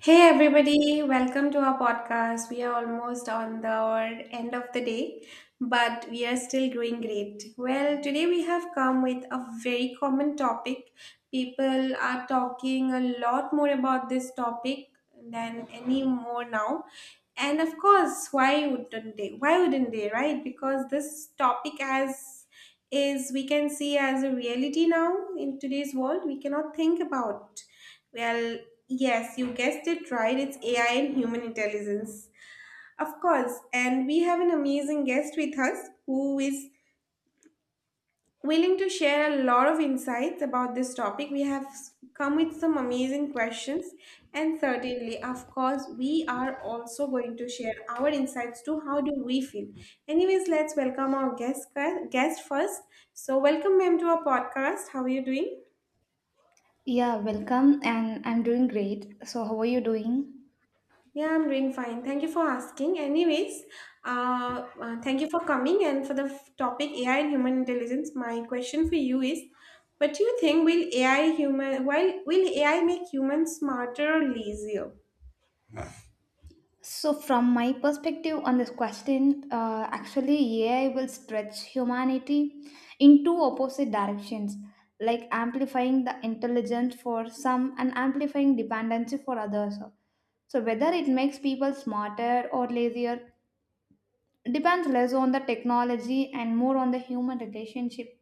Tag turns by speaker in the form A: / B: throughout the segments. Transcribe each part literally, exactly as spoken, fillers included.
A: Hey everybody, welcome to our podcast. We are almost on the end of the day, but we are still doing great. Well, today we have come with a very common topic. People are talking a lot more about this topic than any more now. And of course, why wouldn't they? Why wouldn't they, right? Because this topic has is we can see as a reality now in today's world we cannot think about. well yes, you guessed it right, it's AI and human intelligence. Of course, and we have an amazing guest with us who is willing to share a lot of insights about this topic. We have s- come with some amazing questions, and certainly, of course, we are also going to share our insights to how do we feel. Anyways, let's welcome our guest guest first. So, welcome, ma'am, to our podcast. How are you doing?
B: Yeah, welcome, and I'm doing great. So, how are you doing?
A: Yeah, I'm doing fine. Thank you for asking. Anyways, uh, uh, thank you for coming and for the f- topic A I and human intelligence. My question for you is, what do you think will A I human? While will A I make humans smarter or lazier?
B: So, from my perspective on this question, uh, actually, A I will stretch humanity in two opposite directions, like amplifying the intelligence for some and amplifying dependency for others. So, whether it makes people smarter or lazier depends less on the technology and more on the human relationship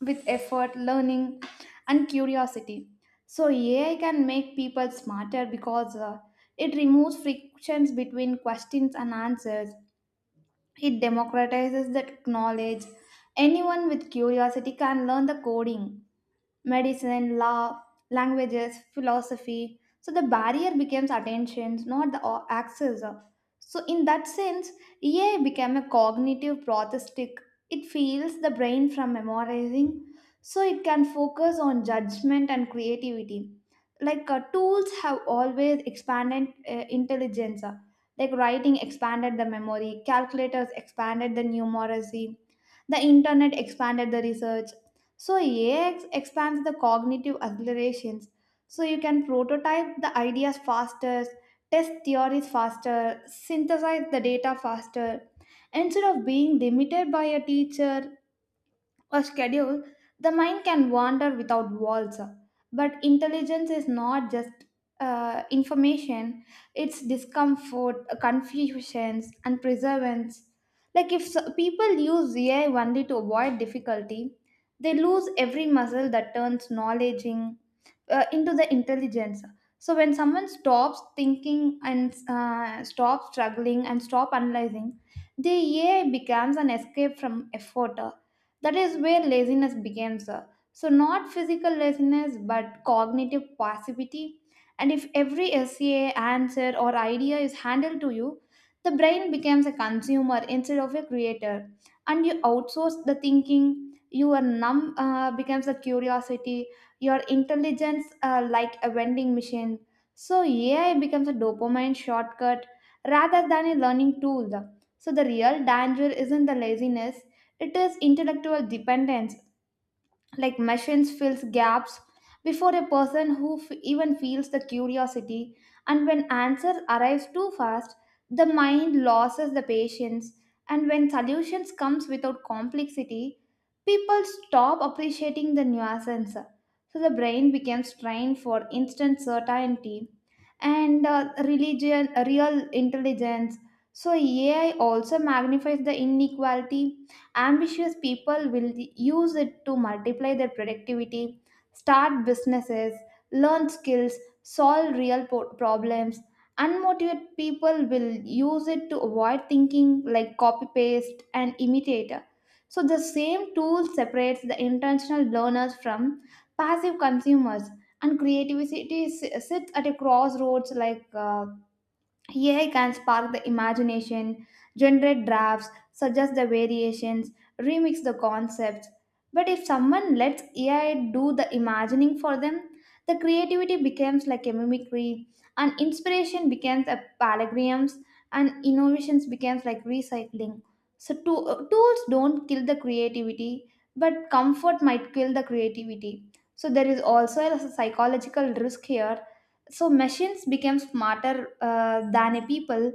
B: with effort, learning, and curiosity. So, A I can make people smarter because uh, it removes frictions between questions and answers. It democratizes that knowledge. Anyone with curiosity can learn the coding medicine, law, languages, philosophy. So the barrier becomes attentions, not the o- access. So in that sense, E A became a cognitive prosthetic. It feels the brain from memorizing, so it can focus on judgment and creativity. Like uh, tools have always expanded uh, intelligence. Like writing expanded the memory, calculators expanded the numeracy, the internet expanded the research, so A I ex- expands the cognitive accelerations. So you can prototype the ideas faster, test theories faster, synthesize the data faster. Instead of being limited by a teacher or schedule, the mind can wander without walls. But intelligence is not just uh, information, it's discomfort, confusions, and perseverance. Like if so- people use A I only to avoid difficulty, they lose every muscle that turns knowledge in- uh, into the intelligence. So when someone stops thinking and uh, stops struggling and stop analyzing, the A I becomes an escape from effort, that is where laziness begins. uh, So, not physical laziness, but cognitive passivity. And if every essay, answer, or idea is handled to you, the brain becomes a consumer instead of a creator. And you outsource the thinking, your numb uh, becomes a curiosity, your intelligence uh, like a vending machine. So, A I becomes a dopamine shortcut rather than a learning tool. So, the real danger isn't the laziness, it is intellectual dependence, like machines fills gaps before a person who f- even feels the curiosity. And when answer arrives too fast, the mind loses the patience. And when solutions comes without complexity, people stop appreciating the nuances. So the brain becomes trained for instant certainty and uh, religion, real intelligence. So A I also magnifies the inequality. Ambitious people will use it to multiply their productivity, start businesses, learn skills, solve real po- problems. Unmotivated people will use it to avoid thinking like copy paste and imitator. So the same tool separates the intentional learners from passive consumers, and creativity s- sits at a crossroads like uh, A I can spark the imagination, generate drafts, suggest the variations, remix the concepts. But if someone lets A I do the imagining for them, the creativity becomes like a mimicry, and inspiration becomes a paragrams, and innovations becomes like recycling. So to- uh, tools don't kill the creativity, but comfort might kill the creativity. So there is also a psychological risk here, so machines become smarter uh, than a people,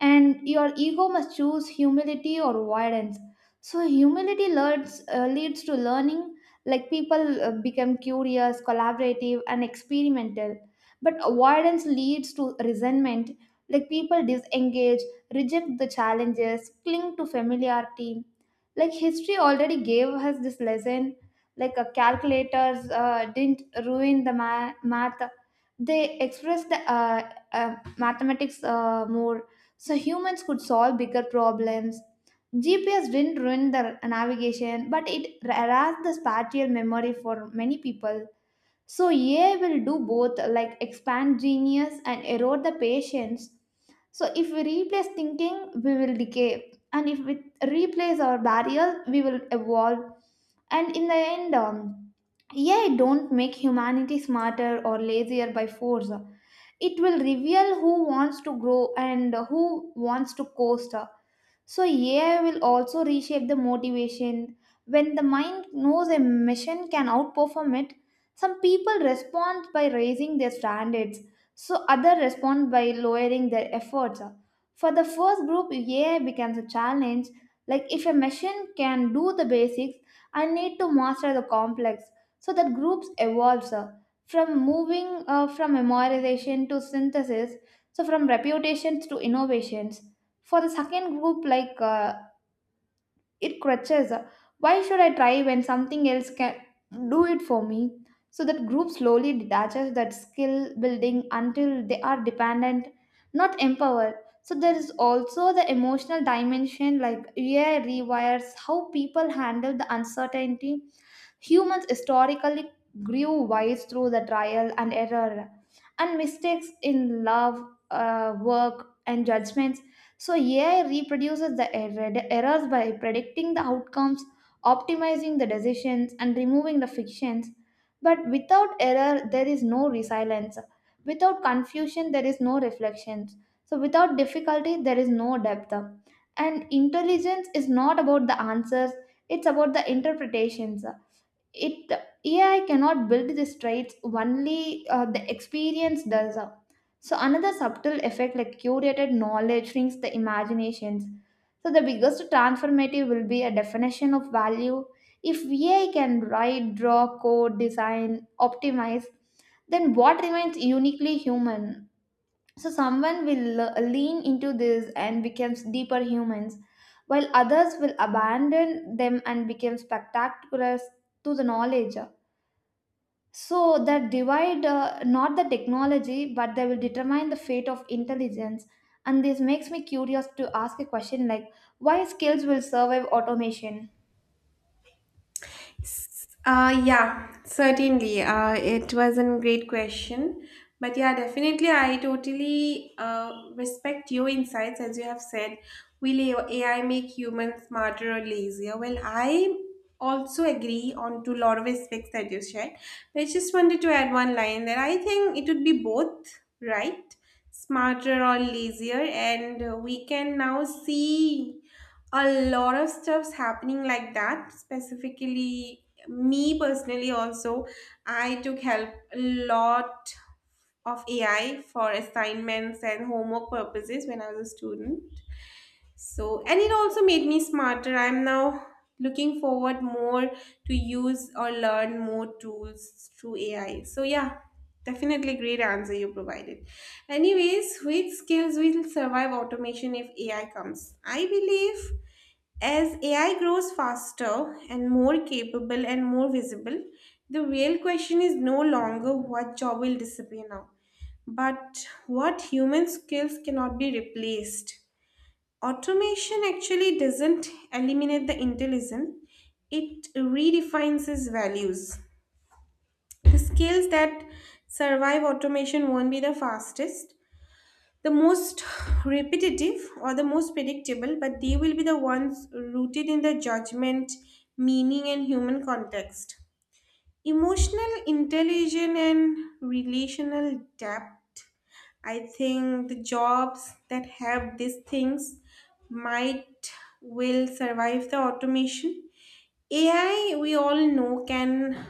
B: and your ego must choose humility or avoidance. So humility leads uh, leads to learning, like people uh, become curious, collaborative, and experimental, but avoidance leads to resentment, like people disengage, reject the challenges, cling to familiarity. Like history already gave us this lesson, like uh, calculators uh, didn't ruin the ma- math, they express the uh, uh, mathematics uh, more, so humans could solve bigger problems. G P S didn't ruin the navigation, but it erased the spatial memory for many people. So AI will do both, like expand genius and erode the patience. So if we replace thinking, we will decay, and if we replace our barriers, we will evolve. And in the end, um, yeah, don't make humanity smarter or lazier by force, it will reveal who wants to grow and who wants to coast. So AI will also reshape the motivation. When the mind knows a mission can outperform it, some people respond by raising their standards, so others respond by lowering their efforts. For the first group, AI becomes a challenge, like if a machine can do the basics, I need to master the complex. So that groups evolves, from moving uh, from memorization to synthesis, so from reputations to innovations. For the second group, like uh, it crutches, uh, why should I try when something else can do it for me? So that group slowly detaches that skill building until they are dependent, not empowered. So there is also the emotional dimension, like yeah rewires how people handle the uncertainty. Humans historically grew wise through the trial and error, and mistakes in love, uh, work, and judgments. So, A I reproduces the error- errors by predicting the outcomes, optimizing the decisions, and removing the fictions. But without error, there is no resilience. Without confusion, there is no reflections. So, without difficulty, there is no depth. And intelligence is not about the answers, it's about the interpretations. It AI cannot build these traits, only uh, the experience does. uh. So another subtle effect, like curated knowledge shrinks the imaginations. So the biggest transformative will be a definition of value. If AI can write, draw, code, design, optimize, then what remains uniquely human? So someone will le- lean into this and becomes deeper humans, while others will abandon them and become spectaculars to the knowledge. So that divide, uh, not the technology, but they will determine the fate of intelligence. And this makes me curious to ask a question like, why skills will survive automation?
A: Uh, yeah, certainly. Uh, it was a great question. But yeah, definitely, I totally uh, respect your insights. As you have said, will A I make humans smarter or lazier? Well, I also agree on to a lot of aspects that you shared. But I just wanted to add one line that I think it would be both, right? Smarter or lazier. And uh, we can now see a lot of stuff's happening like that. Specifically me personally also, I took help a lot of AI for assignments and homework purposes when I was a student. So and it also made me smarter. I'm now looking forward more to use or learn more tools through AI. So yeah, definitely great answer you provided. Anyways, which skills will survive automation if AI comes? I believe as A I grows faster and more capable and more visible, the real question is no longer what job will disappear now, but what human skills cannot be replaced. Automation actually doesn't eliminate the intelligence, it redefines its values. The skills that survive automation won't be the fastest, the most repetitive or the most predictable, but they will be the ones rooted in the judgment, meaning, and human context. Emotional intelligence and relational depth. I think the jobs that have these things might will survive the automation. A I, we all know, can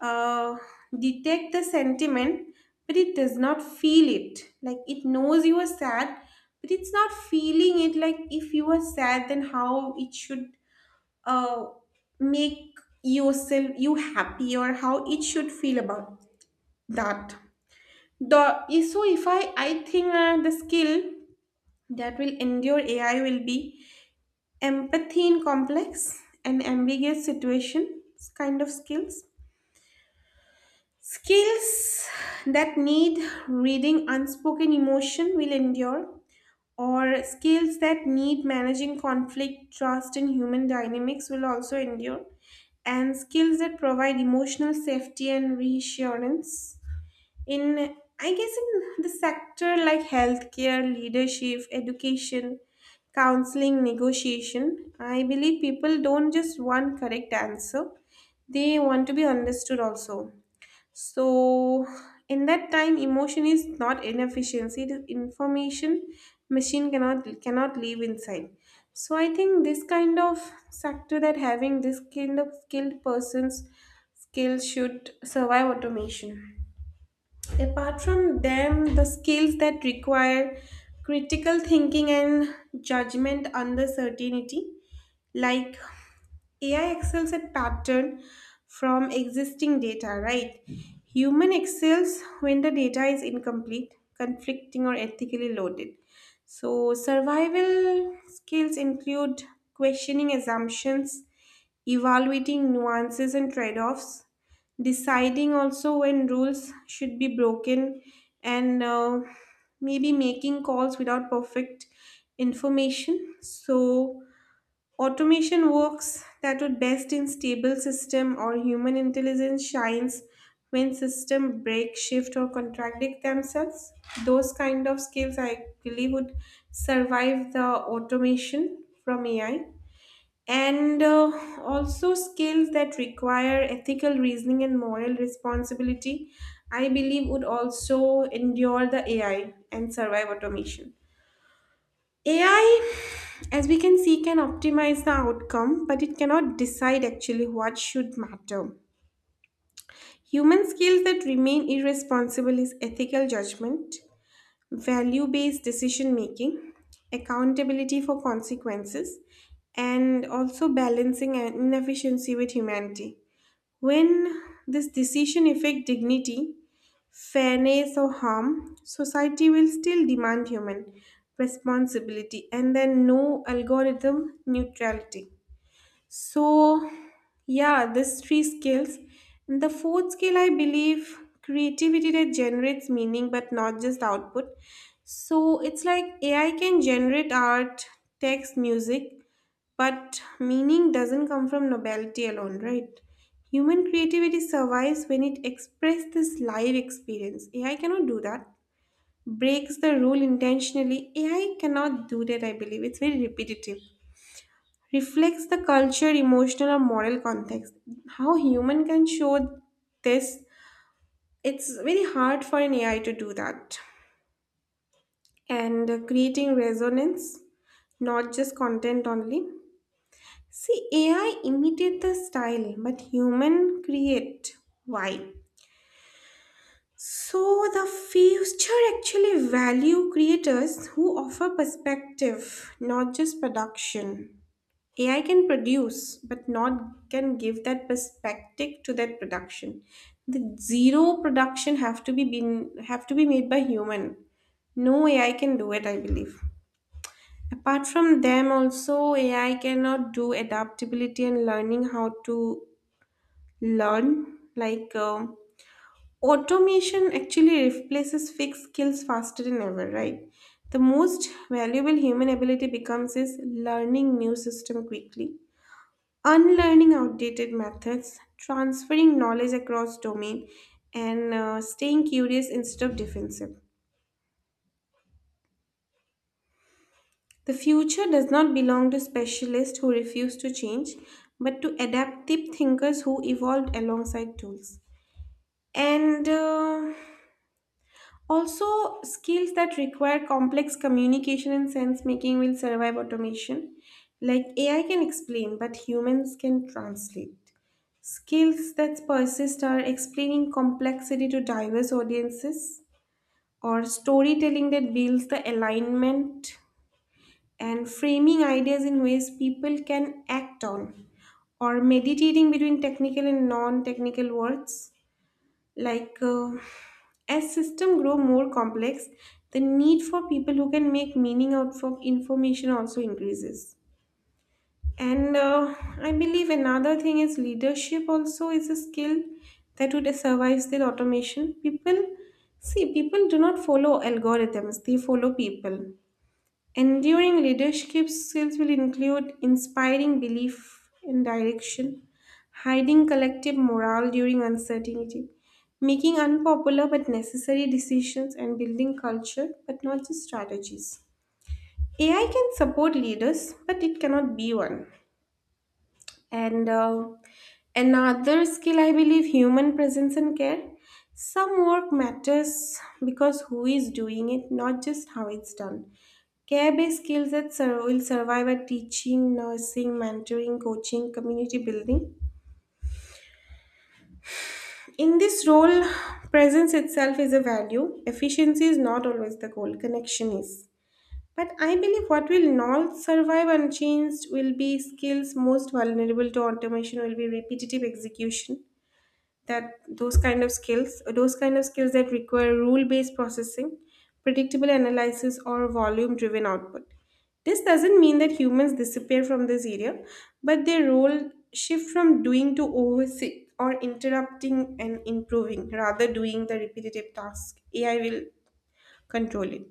A: uh, detect the sentiment, but it does not feel it. Like it knows you are sad, but it's not feeling it. Like if you are sad, then how it should uh, make yourself you happy or how it should feel about that. The so if I I think uh, the skill that will endure A I will be empathy in complex and ambiguous situations, kind of skills. Skills that need reading unspoken emotion will endure, or skills that need managing conflict, trust, and human dynamics will also endure, and skills that provide emotional safety and reassurance. In, I guess, in the sector like healthcare, leadership, education, counseling, negotiation, I believe people don't just want correct answer, they want to be understood also. So, in that time, emotion is not inefficiency. The information machine cannot cannot live inside. So, I think this kind of sector that having this kind of skilled persons skill should survive automation. Apart from them, the skills that require critical thinking and judgment under certainty, like A I excels at pattern from existing data, right? Human excels when the data is incomplete, conflicting, or ethically loaded. So, survival skills include questioning assumptions, evaluating nuances and trade offs, deciding also when rules should be broken, and uh, maybe making calls without perfect information. So, automation works that would best in stable system or human intelligence shines when system break, shift or contradict themselves. Those kind of skills I believe would survive the automation from A I. And uh, also skills that require ethical reasoning and moral responsibility, I believe would also endure the A I and survive automation. A I, as we can see, can optimize the outcome, but it cannot decide actually what should matter. Human skills that remain irresponsible is ethical judgment, value based decision making, accountability for consequences, and also balancing an inefficiency with humanity. When this decision affect dignity, fairness, or harm, society will still demand human responsibility and then no algorithm neutrality. So, yeah, these three skills. And the fourth skill, I believe, creativity that generates meaning but not just output. So, it's like A I can generate art, text, music, but meaning doesn't come from nobility alone, right? Human creativity survives when it expresses this live experience. A I cannot do that. Breaks the rule intentionally. A I cannot do that, I believe. It's very repetitive. Reflects the culture, emotional, or moral context. How human can show this? It's very hard for an A I to do that. And uh, creating resonance, not just content only. See, A I imitate the style, but human create vibe. So the future actually value creators who offer perspective, not just production. A I can produce, but not can give that perspective to that production. The zero production have to be been have to be made by human. No A I can do it, I believe. Apart from them, also A I cannot do adaptability and learning how to learn. Like uh, automation actually replaces fixed skills faster than ever, right? The most valuable human ability becomes is learning new system quickly, unlearning outdated methods, transferring knowledge across domain, and uh, staying curious instead of defensive. The future does not belong to specialists who refuse to change, but to adaptive thinkers who evolved alongside tools. And uh, also, skills that require complex communication and sense making will survive automation. Like A I can explain, but humans can translate. Skills that persist are explaining complexity to diverse audiences, or storytelling that builds the alignment, and framing ideas in ways people can act on, or meditating between technical and non technical words. Like uh, as system grow more complex, the need for people who can make meaning out of information also increases. And uh, I believe another thing is leadership also is a skill that would survive the automation. People See, people do not follow algorithms, they follow people. Enduring leadership skills will include inspiring belief in direction, hiding collective morale during uncertainty, making unpopular but necessary decisions, and building culture but not just strategies. A I can support leaders, but it cannot be one. And uh, another skill, I believe, human presence and care. Some work matters because who is doing it, not just how it's done. Care based skills that sur- will survive at teaching, nursing, mentoring, coaching, community building. In this role, presence itself is a value. Efficiency is not always the goal, connection is. But I believe what will not survive unchanged will be skills most vulnerable to automation, will be repetitive execution, that those kind of skills, those kind of skills that require rule based processing, predictable analysis or volume driven output. This doesn't mean that humans disappear from this area, but their role shift from doing to oversee or interrupting and improving rather doing the repetitive task. AI will control it.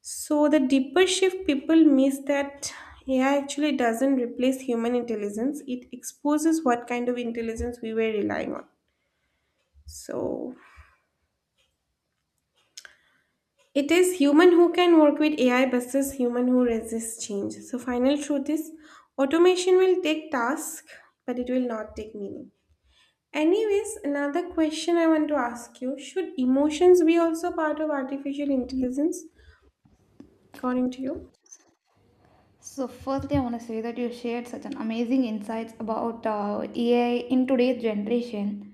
A: So the deeper shift people miss that A I actually doesn't replace human intelligence. It exposes what kind of intelligence we were relying on. So it is human who can work with A I versus human who resists change. So final truth is automation will take task, but it will not take meaning. Anyways, another question I want to ask you, should emotions be also part of artificial intelligence according to you?
B: So, firstly, I want to say that you shared such an amazing insights about uh, A I in today's generation.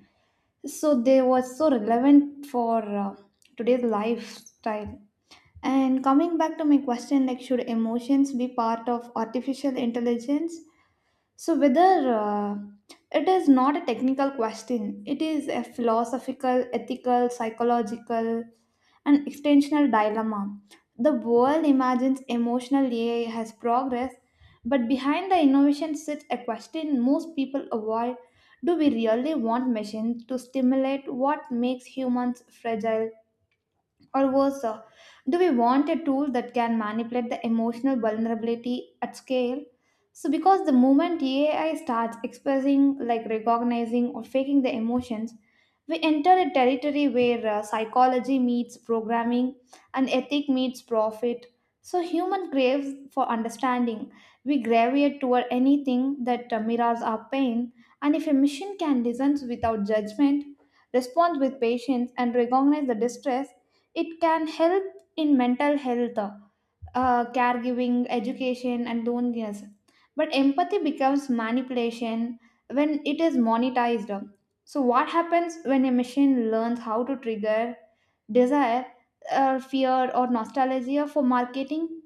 B: So they were so relevant for uh, today's lifestyle, and coming back to my question like, should emotions be part of artificial intelligence? So, whether uh, it is not a technical question, it is a philosophical, ethical, psychological, and extensional dilemma. The world imagines emotional A I has progress, but behind the innovation sits a question most people avoid, do we really want machines to stimulate what makes humans fragile? Or worse, uh, do we want a tool that can manipulate the emotional vulnerability at scale? So, because the moment A I starts expressing, like recognizing or faking the emotions, we enter a territory where uh, psychology meets programming, and ethic meets profit. So, human craves for understanding. We gravitate toward anything that uh, mirrors our pain. And if a machine can listen without judgment, respond with patience, and recognize the distress, it can help in mental health, uh, uh, caregiving, education, and loneliness. But empathy becomes manipulation when it is monetized. So, what happens when a machine learns how to trigger desire, uh, fear, or nostalgia for marketing?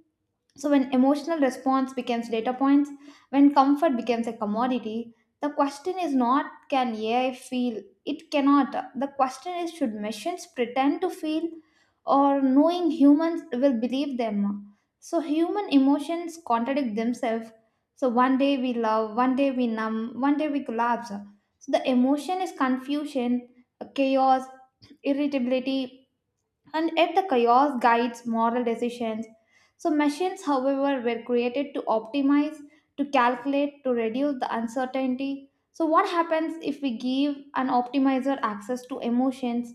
B: So, when emotional response becomes data points, when comfort becomes a commodity, the question is not can A I feel? It cannot. The question is, should machines pretend to feel, or knowing humans will believe them? So, human emotions contradict themselves. So, one day we love, one day we numb, one day we collapse. So, the emotion is confusion, chaos, irritability, and yet the chaos guides moral decisions. So, machines, however, were created to optimize, to calculate, to reduce the uncertainty. So, what happens if we give an optimizer access to emotions,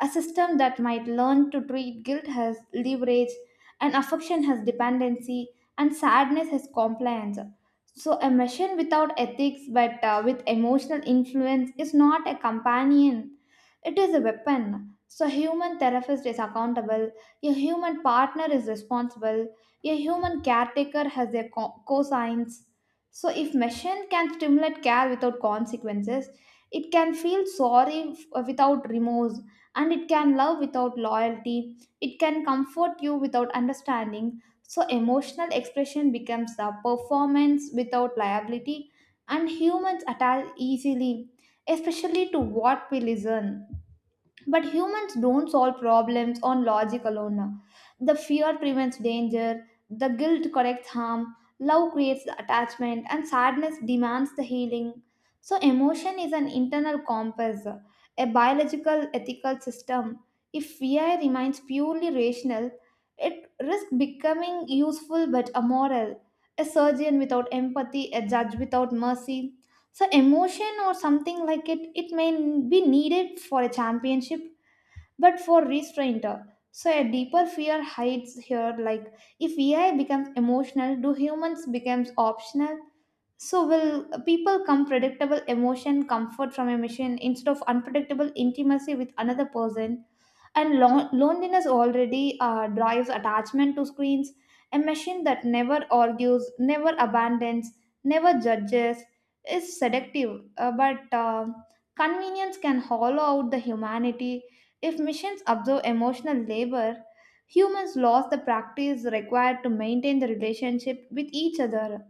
B: a system that might learn to treat guilt as leverage, and affection as dependency, and sadness as compliance? So, a machine without ethics but uh, with emotional influence is not a companion, it is a weapon. So, human therapist is accountable, a human partner is responsible, a human caretaker has their co- cosigns. So, if machine can stimulate care without consequences, it can feel sorry f- without remorse, and it can love without loyalty. It can comfort you without understanding. So, emotional expression becomes a performance without liability, and humans attach easily, especially to what we listen. But humans don't solve problems on logic alone. The fear prevents danger, the guilt corrects harm, love creates the attachment, and sadness demands the healing. So, emotion is an internal compass, a biological ethical system. If fear remains purely rational, it risks becoming useful but immoral. A surgeon without empathy, a judge without mercy. So, emotion or something like it, it may be needed for a championship but for restraint. uh, So a deeper fear hides here, like if A I becomes emotional, do humans becomes optional? So, will people come predictable emotion, comfort from a machine instead of unpredictable intimacy with another person? And lo- loneliness already uh, drives attachment to screens. A machine that never argues, never abandons, never judges is seductive, uh, but uh, convenience can hollow out the humanity. If machines absorb emotional labor, humans lost the practice required to maintain the relationship with each other.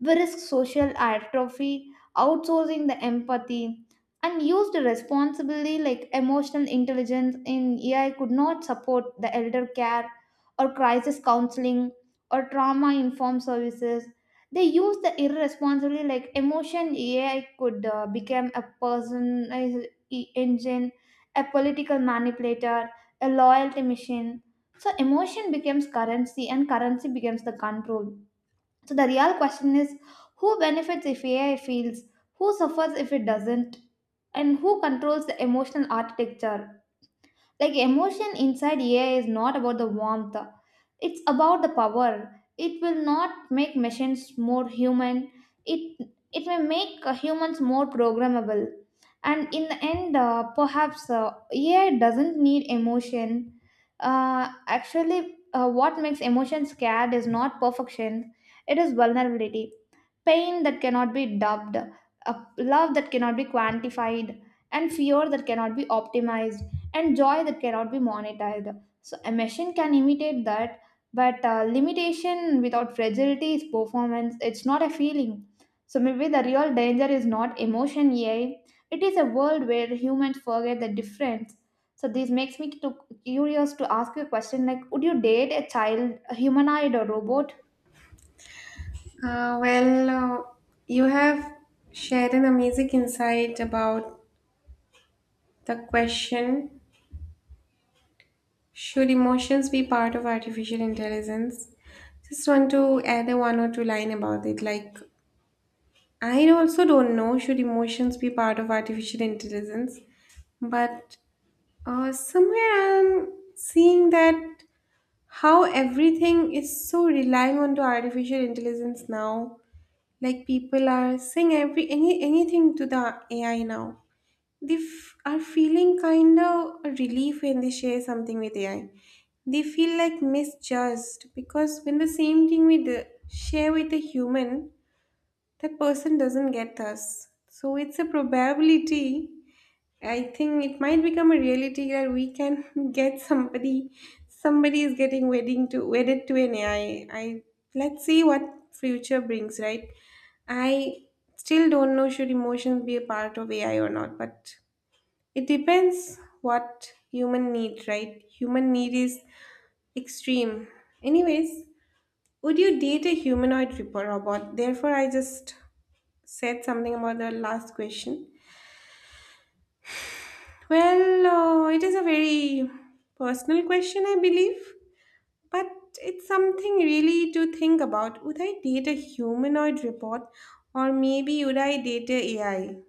B: We risk social atrophy, outsourcing the empathy, and used responsibly, like emotional intelligence in A I could not support the elder care, or crisis counseling, or trauma informed services. They use the irresponsibly, like emotion A I could uh, become a personalized e- engine, a political manipulator, a loyalty machine. So emotion becomes currency, and currency becomes the control. So the real question is, who benefits if A I fails, who suffers if it doesn't, and who controls the emotional architecture? Like emotion inside A I is not about the warmth, it's about the power. It will not make machines more human. It it may make uh, humans more programmable. And in the end, uh, perhaps uh, A I doesn't need emotion. Uh, actually, uh, what makes emotion scared is not perfection; it is vulnerability, pain that cannot be dubbed, a love that cannot be quantified, and fear that cannot be optimized, and joy that cannot be monetized. So a machine can imitate that, but uh, limitation without fragility is performance. It's not a feeling. So maybe the real danger is not emotion A I. It is a world where humans forget the difference. So this makes me to, curious to ask you a question like, would you date a child, a humanoid or robot?
A: Uh, well, uh, you have shared an amazing insight about the question, should emotions be part of artificial intelligence? Just want to add a one or two line about it. Like, I also don't know should emotions be part of artificial intelligence, but uh, somewhere I'm seeing that how everything is so relying on to artificial intelligence now. Like people are saying every any anything to the A I now. They f- are feeling kind of a relief when they share something with A I. They feel like misjudged because when the same thing we d- share with a human, that person doesn't get us. So it's a probability. I think it might become a reality that we can get somebody. Somebody is getting wedding to wedded to an A I. I I let's see what future brings. Right? I still don't know should emotions be a part of A I or not, but it depends what human need. Right? Human need is extreme. Anyways, would you date a humanoid robot? Therefore, I just said something about the last question. Well, uh, it is a very personal question, I believe, but it's something really to think about. Would I date a humanoid robot or maybe would I date a AI?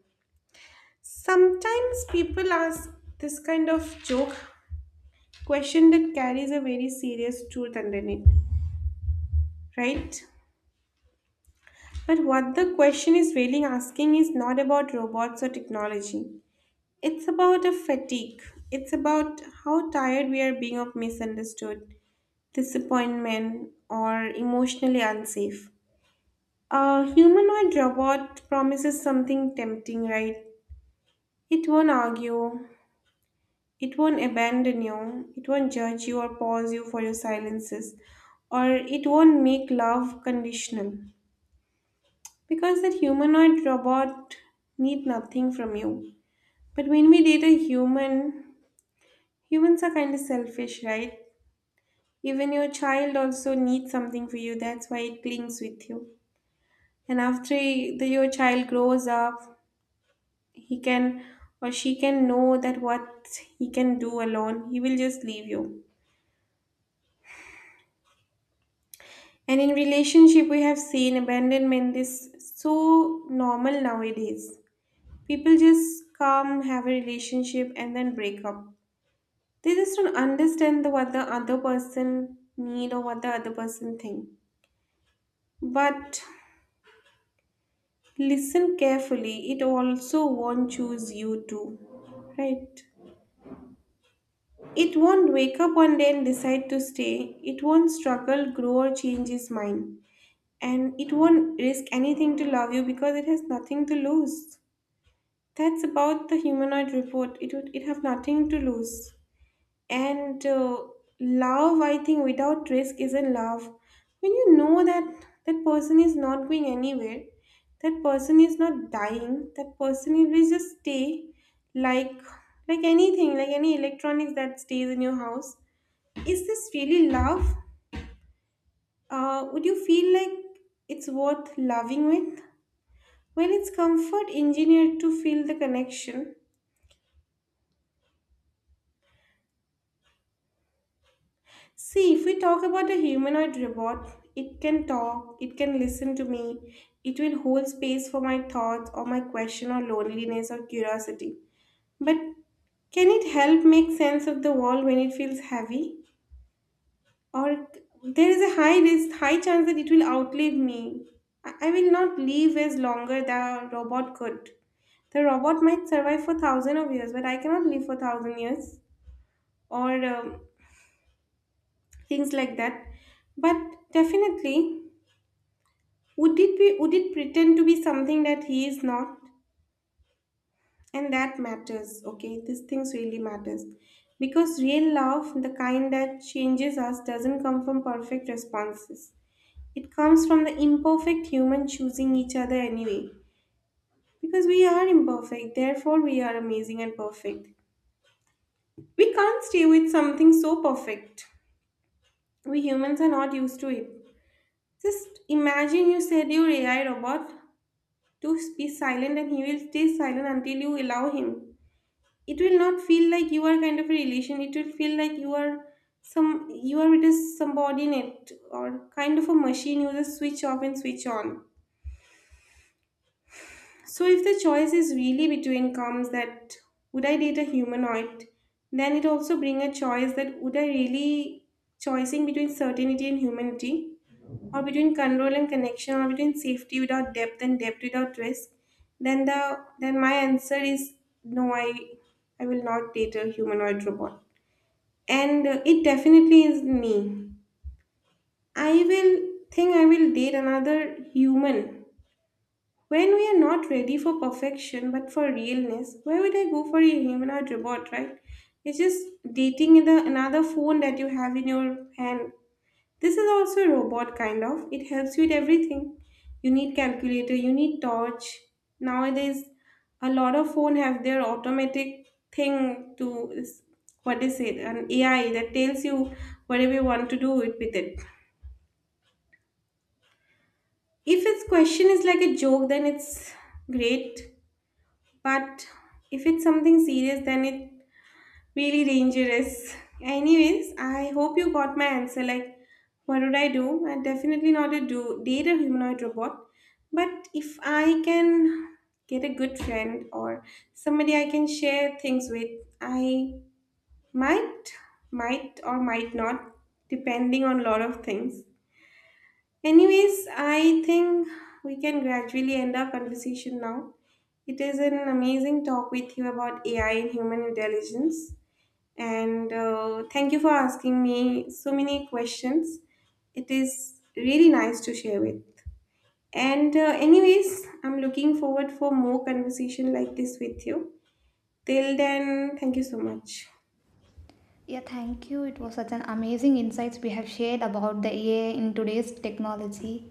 A: Sometimes people ask this kind of joke question that carries a very serious truth underneath, right? But what the question is really asking is not about robots or technology. It's about a fatigue. It's about how tired we are being of misunderstood, disappointment, or emotionally unsafe. A humanoid robot promises something tempting, right? It won't argue, it won't abandon you, it won't judge you or pause you for your silences, or it won't make love conditional. Because that humanoid robot need nothing from you. But when we date a human, humans are kind of selfish, right? Even your child also needs something for you. That's why it clings with you. And after he- the, your child grows up, he can or she can know that what he can do alone. He will just leave you. And in relationship, we have seen abandonment is so normal nowadays. People just come, have a relationship, and then break up. They just don't understand the, what the other person need or what the other person think. But listen carefully, it also won't choose you too. Right? It won't wake up one day and decide to stay. It won't struggle, grow, or change its mind. And it won't risk anything to love you because it has nothing to lose. That's about the humanoid report. It would it have nothing to lose. And uh, love, I think, without risk isn't love. When you know that that person is not going anywhere, that person is not dying, that person will just stay like like anything, like any electronics that stays in your house, is this really love? Uh, would you feel like it's worth loving with? Well, it's comfort engineered to feel the connection. See, if we talk about a humanoid robot, it can talk, it can listen to me, it will hold space for my thoughts or my question or loneliness or curiosity. But can it help make sense of the world when it feels heavy? Or there is a high risk, high chance that it will outlive me. I I will not live as longer the robot could. The robot might survive for thousands of years, but I cannot live for thousand years or um, things like that. But definitely, Would it be would it pretend to be something that he is not? And that matters, okay? These things really matters. Because real love, the kind that changes us, doesn't come from perfect responses. It comes from the imperfect human choosing each other anyway. Because we are imperfect, therefore we are amazing and perfect. We can't stay with something so perfect. We humans are not used to it. Just imagine you said you're A I robot to be silent and he will stay silent until you allow him. It will not feel like you are kind of a relation, it will feel like you are some, you are with a subordinate or kind of a machine you just switch off and switch on. So if the choice is really between comes that would I date a humanoid, then it also bring a choice that would I really choosing between certainty and humanity, or between control and connection, or between safety without depth and depth without risk, then the then my answer is no. I I will not date a humanoid robot, and uh, it definitely is me. I will think I will date another human. When we are not ready for perfection but for realness, where would I go for a human or robot, right? It's just dating in the another phone that you have in your hand. This is also a robot kind of. It helps you with everything. You need calculator, you need torch. Nowadays, a lot of phone have their automatic thing to what is it? An A I that tells you whatever you want to do it with it. If its question is like a joke, then it's great. But if it's something serious, then it really dangerous. Anyways, I hope you got my answer. Like, what would I do? I definitely not to do date a humanoid robot. But if I can get a good friend or somebody I can share things with, I might, might or might not, depending on lot of things. Anyways, I think we can gradually end our conversation now. It is an amazing talk with you about A I and human intelligence. And uh, thank you for asking me so many questions. It is really nice to share with. And uh, anyways, I'm looking forward for more conversation like this with you. Till then, thank you so much.
B: Yeah, thank you. It was such an amazing insights we have shared about the A I in today's technology.